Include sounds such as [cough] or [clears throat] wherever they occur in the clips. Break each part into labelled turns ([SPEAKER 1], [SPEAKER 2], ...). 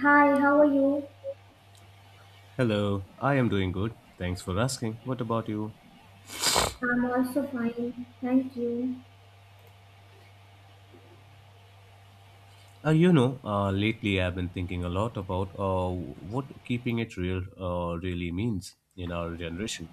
[SPEAKER 1] Hi, how are you?
[SPEAKER 2] Hello, I am doing good. Thanks for asking. What about you?
[SPEAKER 1] I'm also fine. Thank you.
[SPEAKER 2] Lately I've been thinking a lot about what keeping it real really means in our generation.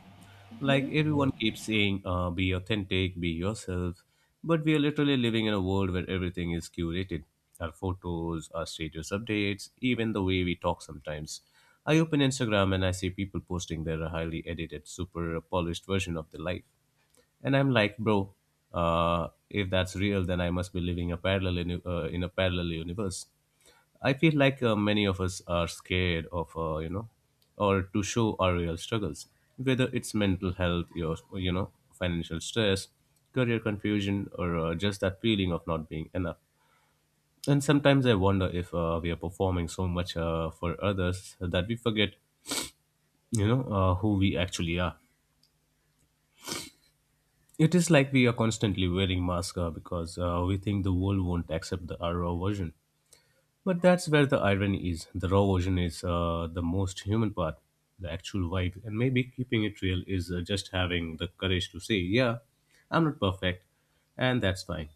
[SPEAKER 2] Like
[SPEAKER 1] you.
[SPEAKER 2] everyone keeps saying, be authentic, be yourself, but we are literally living in a world where everything is curated. Our photos, our status updates, even the way we talk sometimes. I open Instagram and I see people posting their highly edited, super polished version of their life. And I'm like, bro, if that's real, then I must be living a in a parallel universe. I feel like many of us are scared of, or to show our real struggles, whether it's mental health, your, financial stress, career confusion, or just that feeling of not being enough. And sometimes I wonder if we are performing so much for others that we forget, who we actually are. It is like we are constantly wearing masks because we think the world won't accept our raw version. But that's where the irony is. The raw version is the most human part, the actual vibe. And maybe keeping it real is just having the courage to say, yeah, I'm not perfect, and that's fine.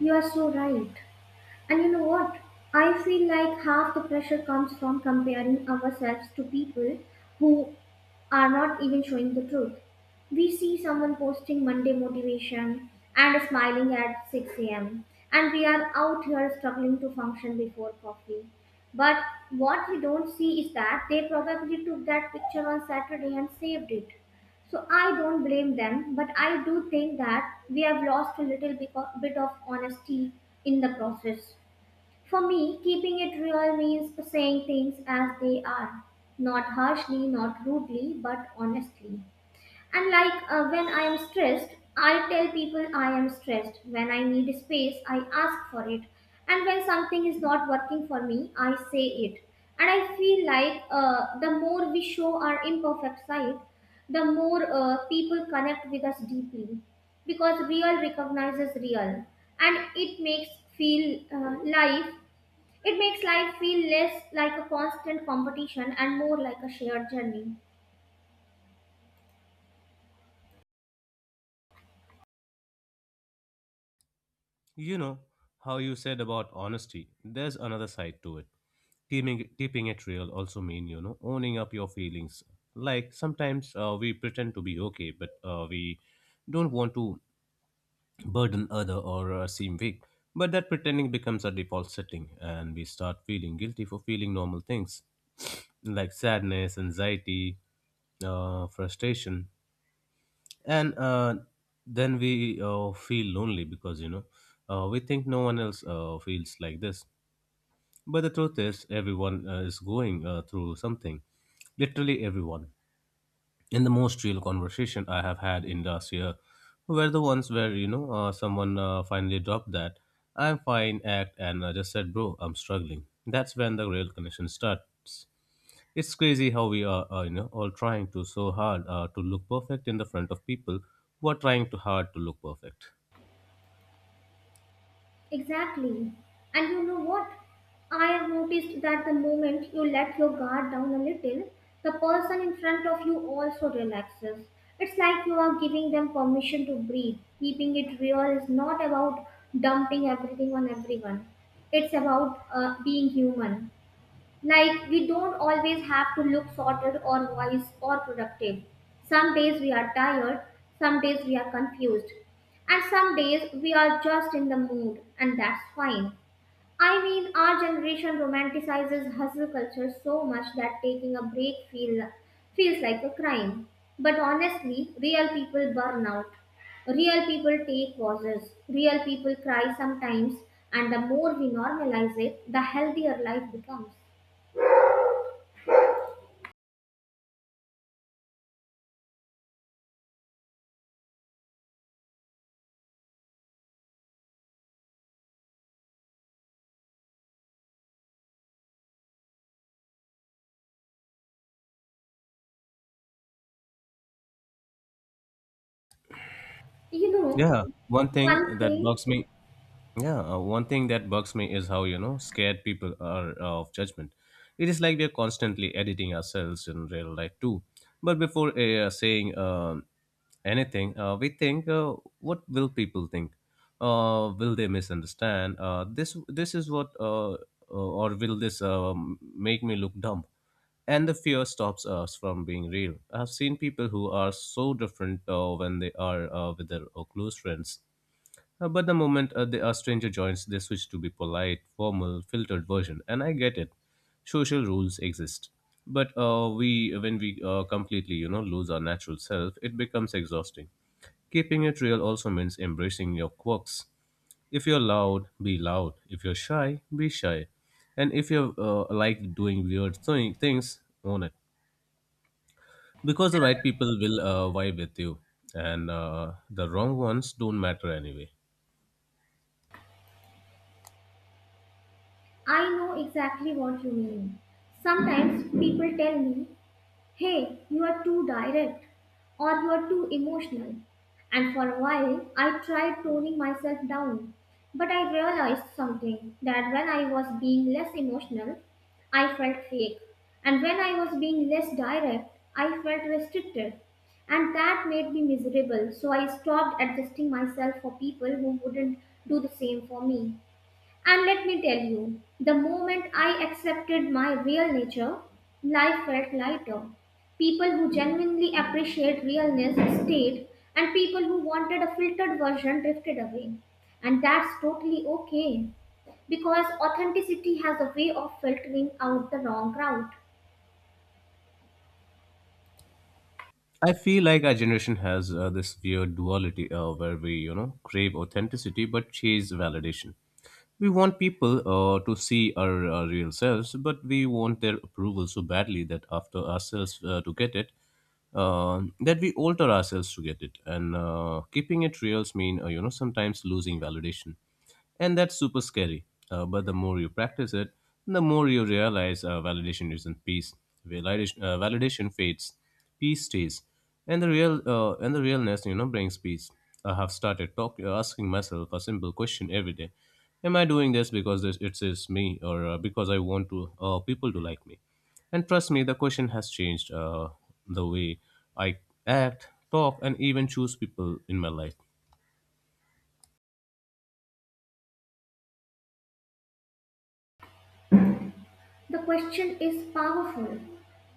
[SPEAKER 1] You are so right. And you know what? I feel like half the pressure comes from comparing ourselves to people who are not even showing the truth. We see someone posting Monday motivation and smiling at 6 a.m., and we are out here struggling to function before coffee. But what we don't see is that they probably took that picture on Saturday and saved it. So I don't blame them, but I do think that we have lost a bit of honesty in the process. For me, keeping it real means saying things as they are, not harshly, not rudely, but honestly. And like, when I am stressed, I tell people I am stressed. When I need space, I ask for it. And when something is not working for me, I say it. And I feel like the more we show our imperfect side, the more people connect with us deeply, because real recognizes real, and feel uh, life it makes life feel less like a constant competition and more like a shared journey.
[SPEAKER 2] You know how you said about honesty. There's another side to it. Keeping it real also mean owning up your feelings. Like sometimes we pretend to be okay, but we don't want to burden other or seem weak. But that pretending becomes a default setting, and we start feeling guilty for feeling normal things like sadness, anxiety, frustration, and then we feel lonely because we think no one else feels like this. But the truth is, everyone is going through something, literally everyone. And the most real conversation I have had in last year were the ones where someone finally dropped that I'm fine act and just said, "Bro, I'm struggling." That's when the real connection starts. It's crazy how we are, all trying to so hard to look perfect in the front of people who are trying too hard to look perfect.
[SPEAKER 1] Exactly. And you know what? I have noticed that the moment you let your guard down a little, the person in front of you also relaxes. It's like you are giving them permission to breathe. Keeping it real is not about dumping everything on everyone, it's about being human. Like, we don't always have to look sorted or wise or productive. Some days we are tired, some days we are confused, and some days we are just in the mood, and that's fine. I mean, our generation romanticizes hustle culture so much that taking a break feel, feels like a crime. But honestly, real people burn out. Real people take pauses. Real people cry sometimes, and the more we normalize it, the healthier life becomes. You know,
[SPEAKER 2] Yeah, one
[SPEAKER 1] one
[SPEAKER 2] thing that
[SPEAKER 1] thing.
[SPEAKER 2] bugs me Yeah, one thing that bugs me is how, scared people are of judgment. It is like we are constantly editing ourselves in real life too. But before saying anything, we think, what will people think? Will they misunderstand? Or will this make me look dumb? And the fear stops us from being real. I've seen people who are so different when they are with their close friends but the moment a stranger joins, they switch to be polite, formal, filtered version, and I get it. Social rules exist, but we when we completely lose our natural self, it becomes exhausting. Keeping it real also means embracing your quirks. If you're loud, be loud. If you're shy, be shy. And if you like doing things, own it. Because the right people will vibe with you, and the wrong ones don't matter anyway.
[SPEAKER 1] I know exactly what you mean. Sometimes people tell me, hey, you are too direct, or you are too emotional. And for a while, I tried toning myself down. But I realized something: that when I was being less emotional, I felt fake. And when I was being less direct, I felt restricted. And that made me miserable, so I stopped adjusting myself for people who wouldn't do the same for me. And let me tell you, the moment I accepted my real nature, life felt lighter. People who genuinely appreciate realness stayed, and people who wanted a filtered version drifted away. And that's totally okay, because authenticity has a way of filtering out the wrong crowd.
[SPEAKER 2] I feel like our generation has this weird duality where we, crave authenticity but chase validation. We want people to see our real selves, but we want their approval so badly that we alter ourselves to get it. And keeping it real means, sometimes losing validation, and that's super scary. But the more you practice it, the more you realize validation isn't peace. Validation fades, peace stays, and the realness brings peace. I have started asking myself a simple question every day. Am I doing this because it is me or because I want to people to like me? And trust me, the question has changed the way I act, talk, and even choose people in my life.
[SPEAKER 1] The question is powerful.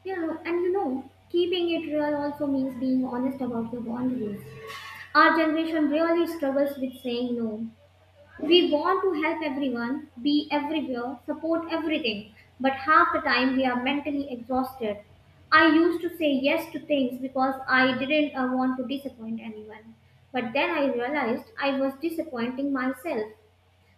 [SPEAKER 1] You know, and you know, keeping it real also means being honest about your boundaries. Our generation really struggles with saying no. We want to help everyone, be everywhere, support everything, but half the time we are mentally exhausted. I used to say yes to things because I didn't want to disappoint anyone. But then I realized I was disappointing myself.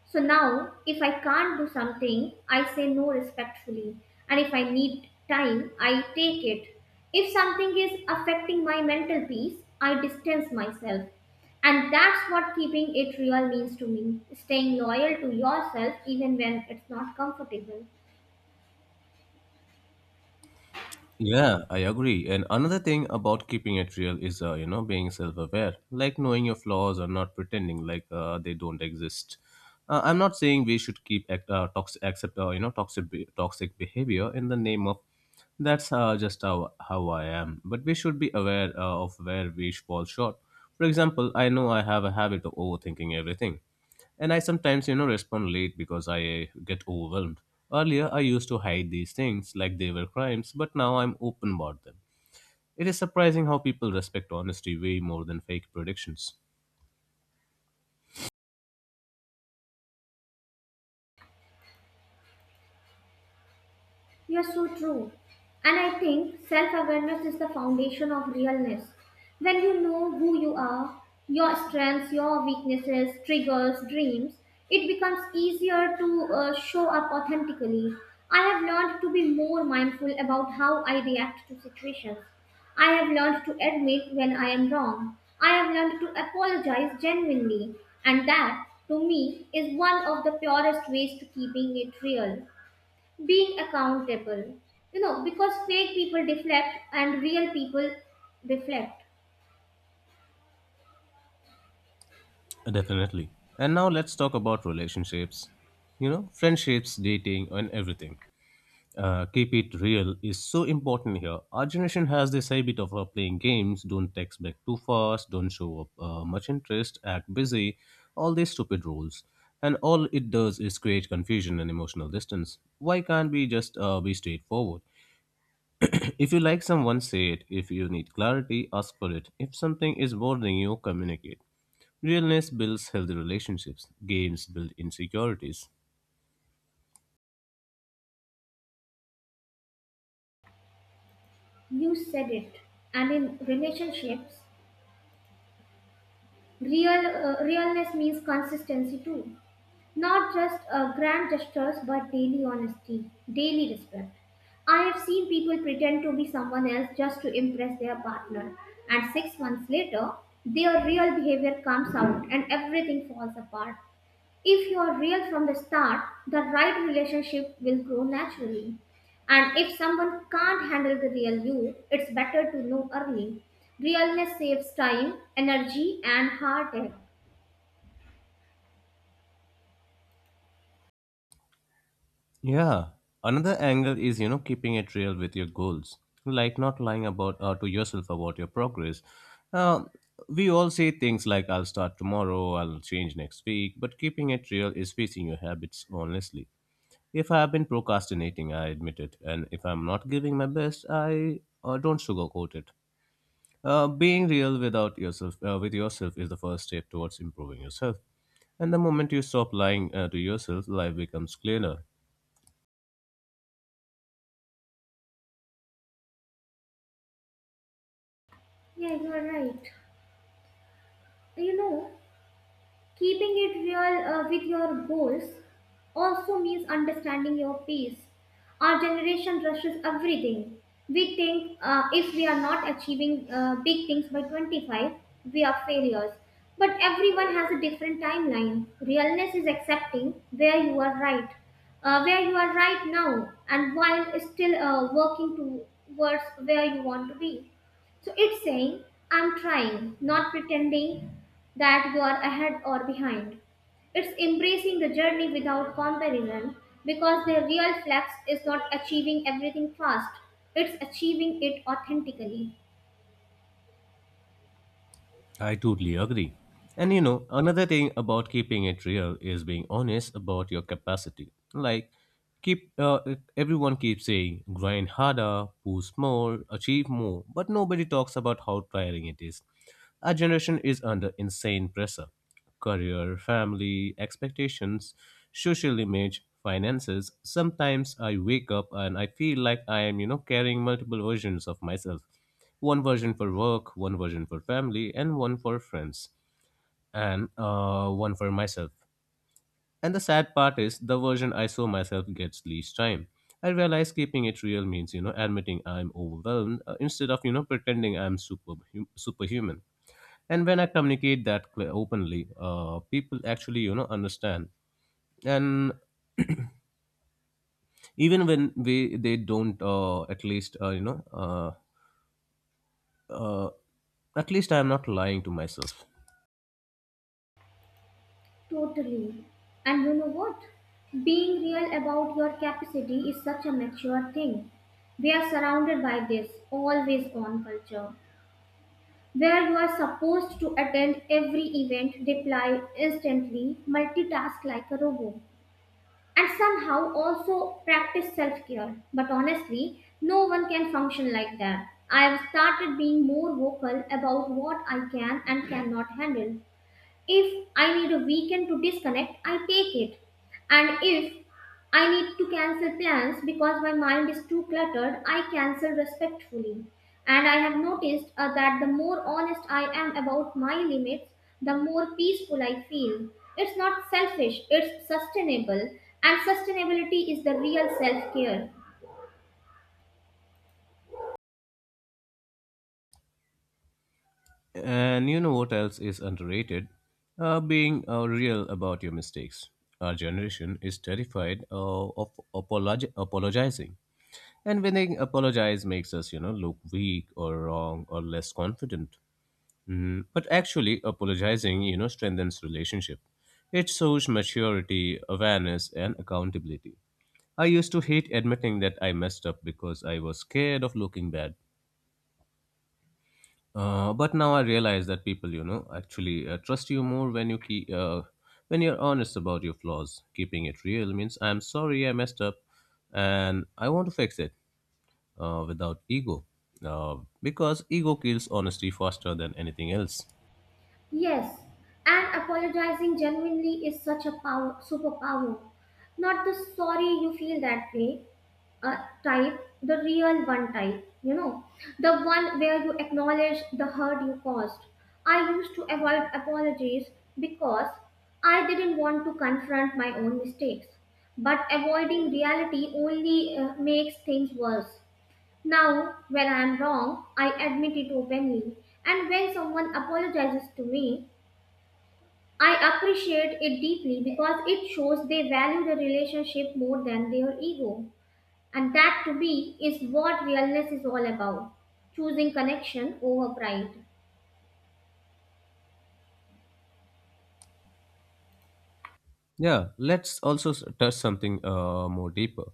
[SPEAKER 1] So now, if I can't do something, I say no respectfully. And if I need time, I take it. If something is affecting my mental peace, I distance myself. And that's what keeping it real means to me: staying loyal to yourself even when it's not comfortable.
[SPEAKER 2] Yeah, I agree. And another thing about keeping it real is, being self-aware, like knowing your flaws or not pretending like they don't exist. I'm not saying we should toxic, accept, toxic toxic behavior in the name of that's just how I am. But we should be aware of where we fall short. For example, I know I have a habit of overthinking everything, and I sometimes, respond late because I get overwhelmed. Earlier, I used to hide these things like they were crimes, but now I'm open about them. It is surprising how people respect honesty way more than fake predictions.
[SPEAKER 1] You're so true. And I think self awareness is the foundation of realness. When you know who you are, your strengths, your weaknesses, triggers, dreams, it becomes easier to show up authentically. I have learned to be more mindful about how I react to situations. I have learned to admit when I am wrong. I have learned to apologize genuinely. And that, to me, is one of the purest ways to keeping it real: being accountable, you know, because fake people deflect and real people reflect.
[SPEAKER 2] Definitely. And now let's talk about relationships, friendships, dating, and everything. Keep it real is so important here. Our generation has this habit of playing games, don't text back too fast, don't show up much interest, act busy, all these stupid rules. And all it does is create confusion and emotional distance. Why can't we just be straightforward? [clears throat] If you like someone, say it. If you need clarity, ask for it. If something is bothering you, communicate. Realness builds healthy relationships. Games build insecurities.
[SPEAKER 1] You said it. And in relationships, realness means consistency too, not just grand gestures, but daily honesty, daily respect. I have seen people pretend to be someone else just to impress their partner, and 6 months later their real behavior comes out and everything falls apart. If you are real from the start, the right relationship will grow naturally. And if someone can't handle the real you, it's better to know early. Realness saves time, energy, and heartache.
[SPEAKER 2] Yeah. Another angle is, keeping it real with your goals, like not lying about to yourself about your progress. Uh, we all say things like "I'll start tomorrow," "I'll change next week," but keeping it real is facing your habits honestly. If I have been procrastinating, I admit it, and if I'm not giving my best, I don't sugarcoat it. Being real without yourself, with yourself, is the first step towards improving yourself. And the moment you stop lying to yourself, life becomes clearer.
[SPEAKER 1] Yeah, you are right. You know, keeping it real with your goals also means understanding your pace. Our generation rushes everything. We think, if we are not achieving big things by 25, we are failures. But everyone has a different timeline. Realness is accepting where you are right now, and while still working towards where you want to be. So it's saying, I'm trying, not pretending that you are ahead or behind. It's embracing the journey without comparison, because the real flex is not achieving everything fast, it's achieving it authentically.
[SPEAKER 2] I totally agree. And you know, another thing about keeping it real is being honest about your capacity. Like, keep everyone keeps saying grind harder, push more, achieve more, but nobody talks about how tiring it is. Our generation is under insane pressure: career, family, expectations, social image, finances. Sometimes I wake up and I feel like I am, carrying multiple versions of myself, one version for work, one version for family, and one for friends, and one for myself. And the sad part is the version I saw myself gets least time. I realize keeping it real means, admitting I'm overwhelmed instead of, pretending I'm superhuman. And when I communicate that openly, people actually, understand. And even when we they don't, uh, at least I'm not lying to myself.
[SPEAKER 1] Totally. And you know what? Being real about your capacity is such a mature thing. We are surrounded by this always on culture, where you are supposed to attend every event, reply instantly, multitask like a robot, and somehow also practice self care. But honestly, no one can function like that. I have started being more vocal about what I can and cannot handle. If I need a weekend to disconnect, I take it. And if I need to cancel plans because my mind is too cluttered, I cancel respectfully. And I have noticed that the more honest I am about my limits, the more peaceful I feel. It's not selfish, it's sustainable. And sustainability is the real self care.
[SPEAKER 2] And you know what else is underrated? Being real about your mistakes. Our generation is terrified of apologizing. And when they apologize makes us, look weak or wrong or less confident. But actually, apologizing, strengthens relationship. It shows maturity, awareness, and accountability. I used to hate admitting that I messed up because I was scared of looking bad. But now I realize that people, actually trust you more when when you're honest about your flaws. Keeping it real means I'm sorry I messed up, and I want to fix it without ego, because ego kills honesty faster than anything else.
[SPEAKER 1] Yes, and apologizing genuinely is such a superpower. Not the sorry you feel that way, uh, type, the real one type, you know, the one where you acknowledge the hurt you caused. I used to avoid apologies because I didn't want to confront my own mistakes. But avoiding reality only makes things worse. Now, when I am wrong, I admit it openly. And when someone apologizes to me, I appreciate it deeply because it shows they value the relationship more than their ego. And that, to be, is what realness is all about: choosing connection over pride.
[SPEAKER 2] Yeah, let's also touch something more deeper.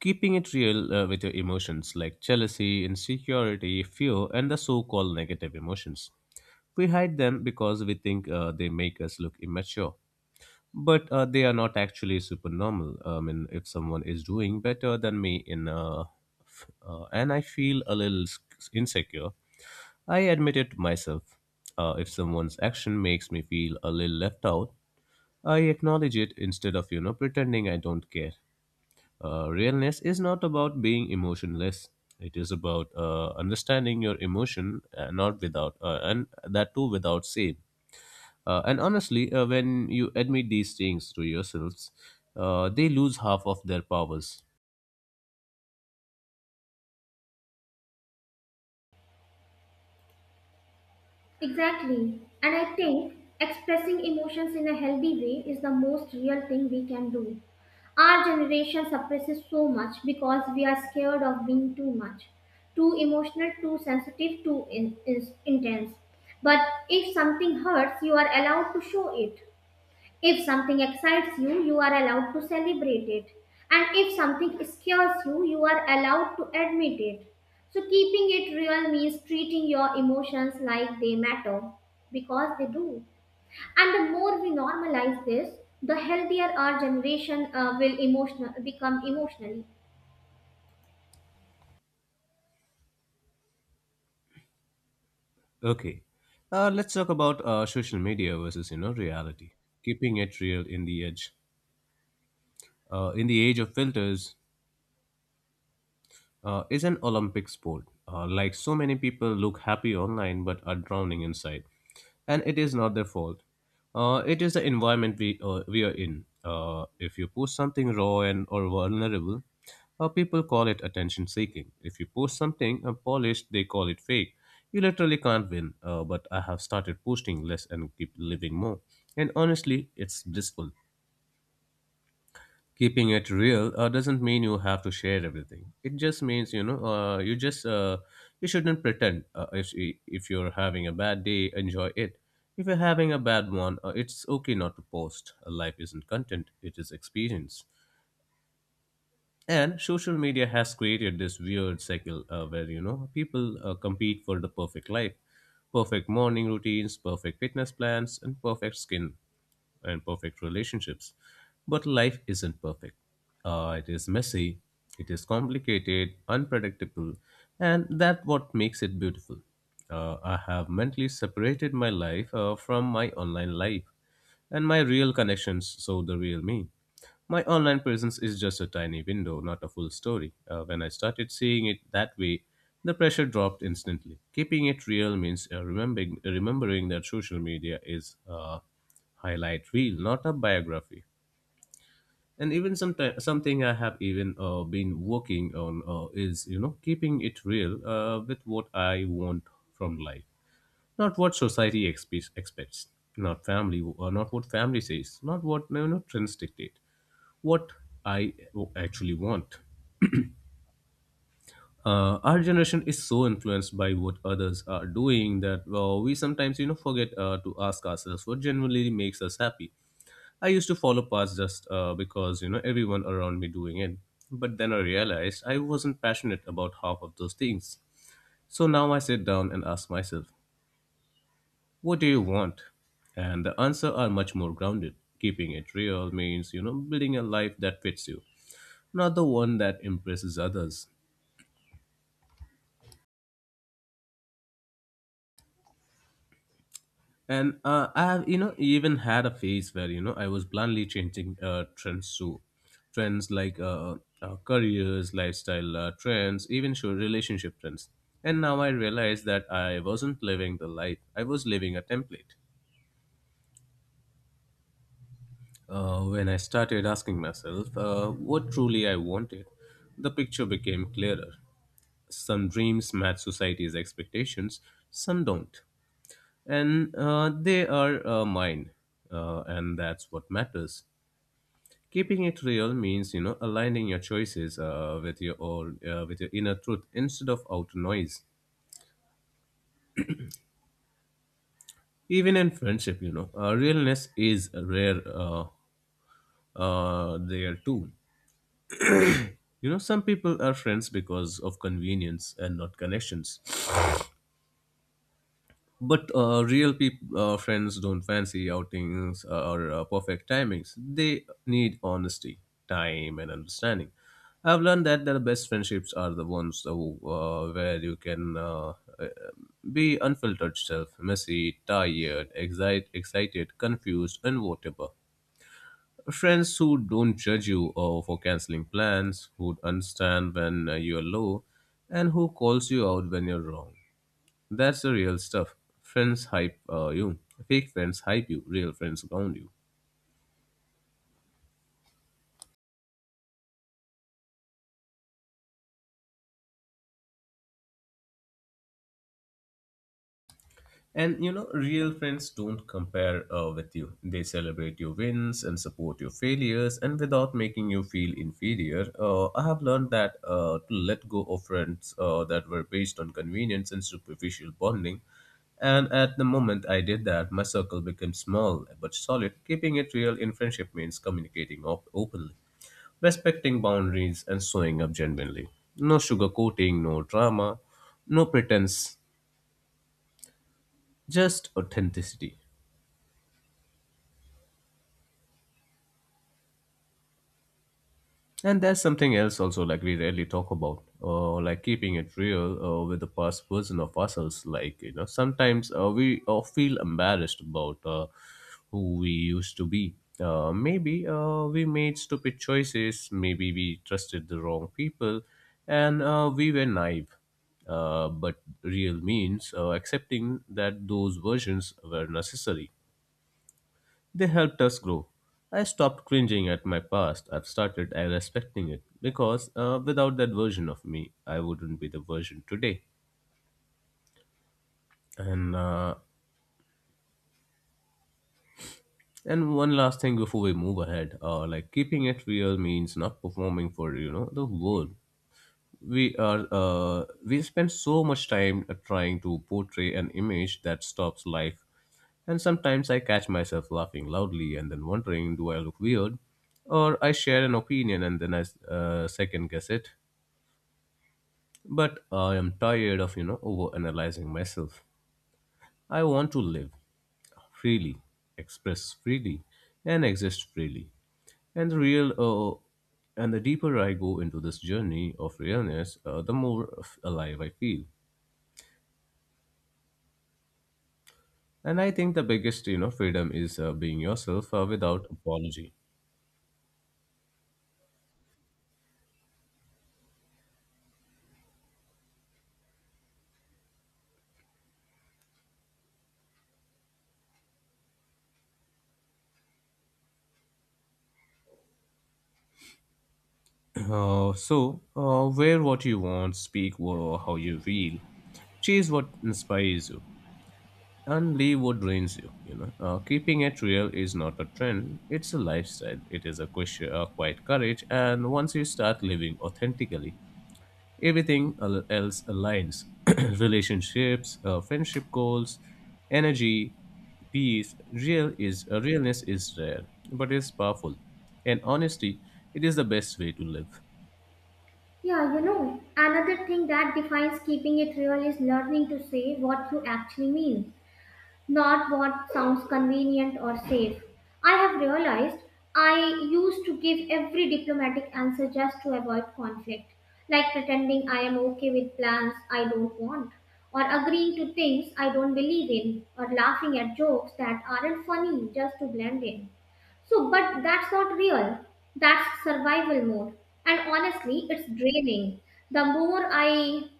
[SPEAKER 2] Keeping it real with your emotions like jealousy, insecurity, fear, and the so called negative emotions. We hide them because we think they make us look immature. But they are not actually super normal. I mean, if someone is doing better than me in, and I feel a little insecure, I admit it myself. If someone's action makes me feel a little left out, I acknowledge it instead of, pretending I don't care. Realness is not about being emotionless. It is about understanding your emotion, not without, and that too without shame. And honestly, when you admit these things to yourselves, they lose half of their powers.
[SPEAKER 1] Exactly. And I think expressing emotions in a healthy way is the most real thing we can do. Our generation suppresses so much because we are scared of being too much, too emotional, too sensitive, intense. But if something hurts, you are allowed to show it. If something excites you, you are allowed to celebrate it. And if something scares you, you are allowed to admit it. So, keeping it real means treating your emotions like they matter because they do. And the more we normalize this, the healthier our generation will become emotionally.
[SPEAKER 2] Okay, let's talk about social media versus, reality. Keeping it real in in the age of filters, is an Olympic sport. Like so many people look happy online but are drowning inside. And it is not their fault. It is the environment we are in. If you post something raw and or vulnerable, people call it attention seeking. If you post something polished, they call it fake. You literally can't win, but I have started posting less and keep living more. And honestly, it's blissful. Keeping it real doesn't mean you have to share everything. It just means you just you shouldn't pretend. If if you're having a bad day, enjoy it. If you're having a bad one, it's okay not to post. Life isn't content, it is experience. And social media has created this weird cycle where, you know, people compete for the perfect life, perfect morning routines, perfect fitness plans, and perfect skin and perfect relationships. But life isn't perfect. It is messy, it is complicated, unpredictable, and that what makes it beautiful. I have mentally separated my life from my online life and my real connections, so the real me. My online presence is just a tiny window, not a full story. When I started seeing it that way, the pressure dropped instantly. Keeping it real means remembering that social media is a highlight reel, not a biography. And even something I have even been working on is, you know, keeping it real with what I want from life, not what society expects, not family, or not what family says, not what, you know, trends dictate, what I actually want. Our generation is so influenced by what others are doing that, well, we sometimes, you know, forget to ask ourselves what genuinely makes us happy. I used to follow paths just because, you know, everyone around me doing it, but then I realized I wasn't passionate about half of those things. So now I sit down and ask myself, what do you want? And the answer are much more grounded. Keeping it real means, you know, building a life that fits you, not the one that impresses others. And I have, you know, even had a phase where, you know, I was blindly changing trends too. Trends like careers, lifestyle trends, even sure relationship trends. And now I realize that I wasn't living the life, I was living a template. When I started asking myself what truly I wanted, the picture became clearer. Some dreams match society's expectations, some don't. And they are mine, and that's what matters. Keeping it real means, you know, aligning your choices with your inner truth instead of outer noise. Even in friendship, you know, realness is rare, there too. You know, some people are friends because of convenience and not connections. But real friends don't fancy outings or perfect timings. They need honesty, time, and understanding. I've learned that the best friendships are the ones who, where you can uh, be unfiltered self, messy, tired, excited, confused, and whatever. Friends who don't judge you for canceling plans, who understand when you're low, and who calls you out when you're wrong. That's the real stuff. Friends hype you. Fake friends hype you. Real friends ground you. And, you know, real friends don't compare with you. They celebrate your wins and support your failures, and without making you feel inferior. I have learned that to let go of friends that were based on convenience and superficial bonding. And at the moment I did that, my circle became small but solid. Keeping it real in friendship means communicating openly, respecting boundaries, and showing up genuinely. No sugarcoating, no drama, no pretense, just authenticity. And there's something else also like we rarely talk about, like keeping it real with the past version of ourselves. Like, you know, sometimes we feel embarrassed about who we used to be. Maybe we made stupid choices. Maybe we trusted the wrong people, and we were naive. But real means accepting that those versions were necessary. They helped us grow. I stopped cringing at my past. I've started respecting it because, without that version of me, I wouldn't be the version today. And uh, and one last thing before we move ahead, like keeping it real means not performing for, you know, the world. We spend so much time trying to portray an image that stops life, and sometimes I catch myself laughing loudly and then wondering, do I look weird? Or I share an opinion and then I second guess it. But I am tired of, you know, over analyzing myself. I want to live freely, express freely, and exist freely. And the real uh, and the deeper I go into this journey of realness, the more alive I feel. And I think the biggest, you know, freedom is being yourself without apology. [clears throat] So wear what you want, speak how you feel, chase what inspires you, and leave what drains you. You know, keeping it real is not a trend; it's a lifestyle. It is a question, quiet courage, and once you start living authentically, everything else aligns: [clears throat] relationships, friendship goals, energy, peace. Realness is rare, but it's powerful, and honesty, it is the best way to live.
[SPEAKER 1] Yeah, you know, another thing that defines keeping it real is learning to say what you actually mean, not what sounds convenient or safe. I have realized I used to give every diplomatic answer just to avoid conflict, like pretending I am okay with plans I don't want, or agreeing to things I don't believe in, or laughing at jokes that aren't funny just to blend in. So, but that's not real. That's survival mode. And honestly, it's draining. The more I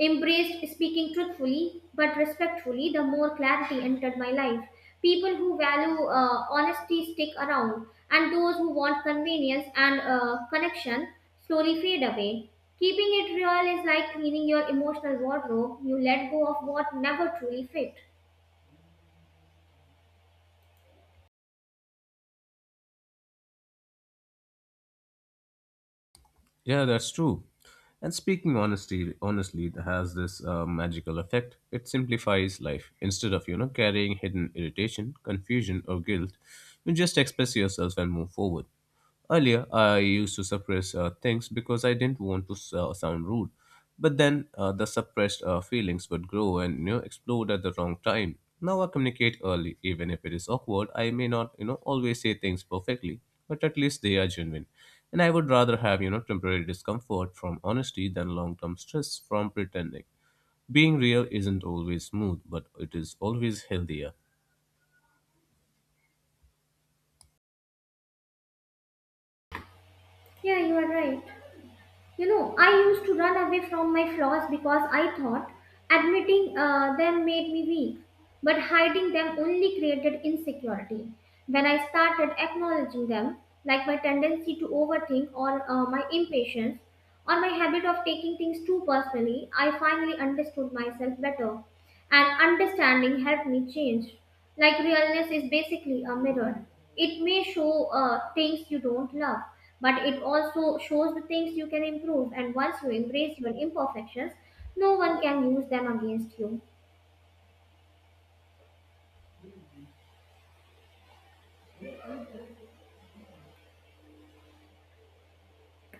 [SPEAKER 1] embraced speaking truthfully but respectfully, the more clarity entered my life. People who value honesty stick around, and those who want convenience and connection slowly fade away. Keeping it real is like cleaning your emotional wardrobe: you let go of what never truly fit.
[SPEAKER 2] Yeah, that's true. And speaking honestly, it has this magical effect. It simplifies life. Instead of, you know, carrying hidden irritation, confusion, or guilt, you just express yourself and move forward. Earlier, I used to suppress things because I didn't want to sound rude. But then the suppressed feelings would grow and, you know, explode at the wrong time. Now I communicate early, even if it is awkward. I may not, you know, always say things perfectly, but at least they are genuine. And I would rather have, you know, temporary discomfort from honesty than long-term stress from pretending. Being real isn't always smooth, but it is always healthier.
[SPEAKER 1] Yeah, you are right. You know, I used to run away from my flaws because I thought admitting them made me weak, but hiding them only created insecurity. When I started acknowledging them, like my tendency to overthink, or my impatience, or my habit of taking things too personally, I finally understood myself better, and understanding helped me change. Like, realness is basically a mirror. It may show things you don't love, but it also shows the things you can improve. And once you embrace your imperfections, no one can use them against you.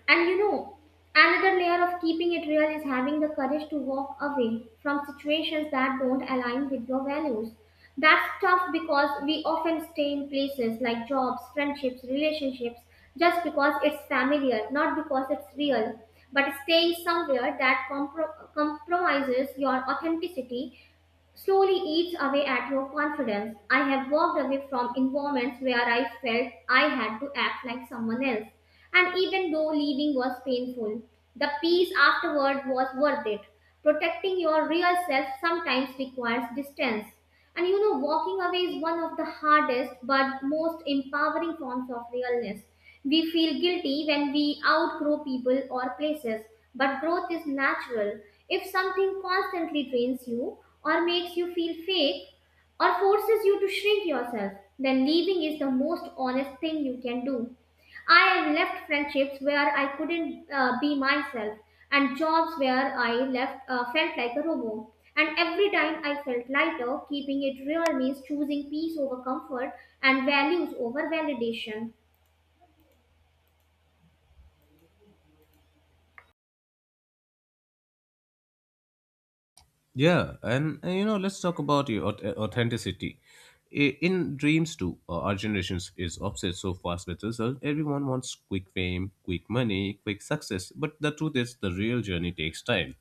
[SPEAKER 1] And you know, another layer of keeping it real is having the courage to walk away from situations that don't align with your values. That's tough because we often stay in places like jobs, friendships, relationships just because it's familiar, not because it's real. But staying somewhere that compromises your authenticity slowly eats away at your confidence. I have walked away from environments where I felt I had to act like someone else, and even though leaving was painful, the peace afterward was worth it. Protecting your real self sometimes requires distance. And you know, walking away is one of the hardest but most empowering forms of realness. We feel guilty when we outgrow people or places, but growth is natural. If something constantly drains you, or makes you feel fake, or forces you to shrink yourself, then leaving is the most honest thing you can do. I have left friendships where I couldn't be myself, and jobs where I left felt like a robot. And every time I felt lighter. Keeping it real means choosing peace over comfort and values over validation.
[SPEAKER 2] Yeah, and, you know, let's talk about your authenticity. In dreams too, our generations is obsessed so fast with results. Everyone wants quick fame, quick money, quick success. But the truth is, the real journey takes time.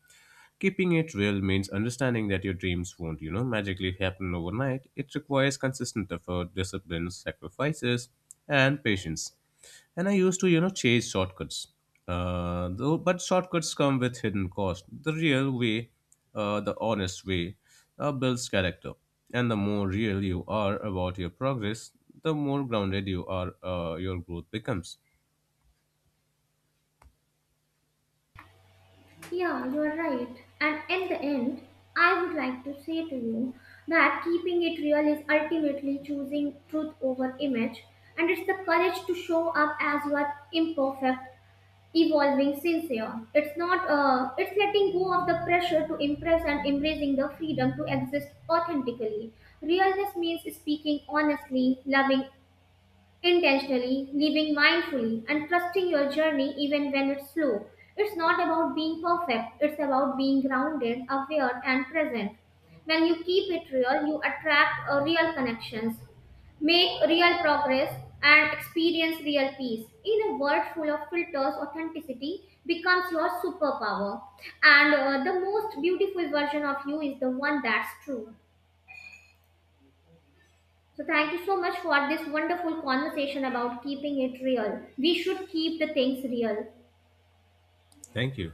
[SPEAKER 2] Keeping it real means understanding that your dreams won't, you know, magically happen overnight. It requires consistent effort, discipline, sacrifices, and patience. And I used to, you know, chase shortcuts. But shortcuts come with hidden cost. The real way, the honest way, builds character. And the more real you are about your progress, the more grounded you are, your growth becomes.
[SPEAKER 1] Yeah, you are right. And in the end, I would like to say to you that keeping it real is ultimately choosing truth over image, and it's the courage to show up as you are: imperfect, evolving, sincere. It's not, It's letting go of the pressure to impress and embracing the freedom to exist authentically. Realness means speaking honestly, loving intentionally, living mindfully, and trusting your journey even when it's slow. It's not about being perfect, it's about being grounded, aware, and present. When you keep it real, you attract real connections, make real progress, and experience real peace. In a world full of filters, authenticity becomes your superpower. And the most beautiful version of you is the one that's true. So thank you so much for this wonderful conversation about keeping it real. We should keep the things real.
[SPEAKER 2] Thank you.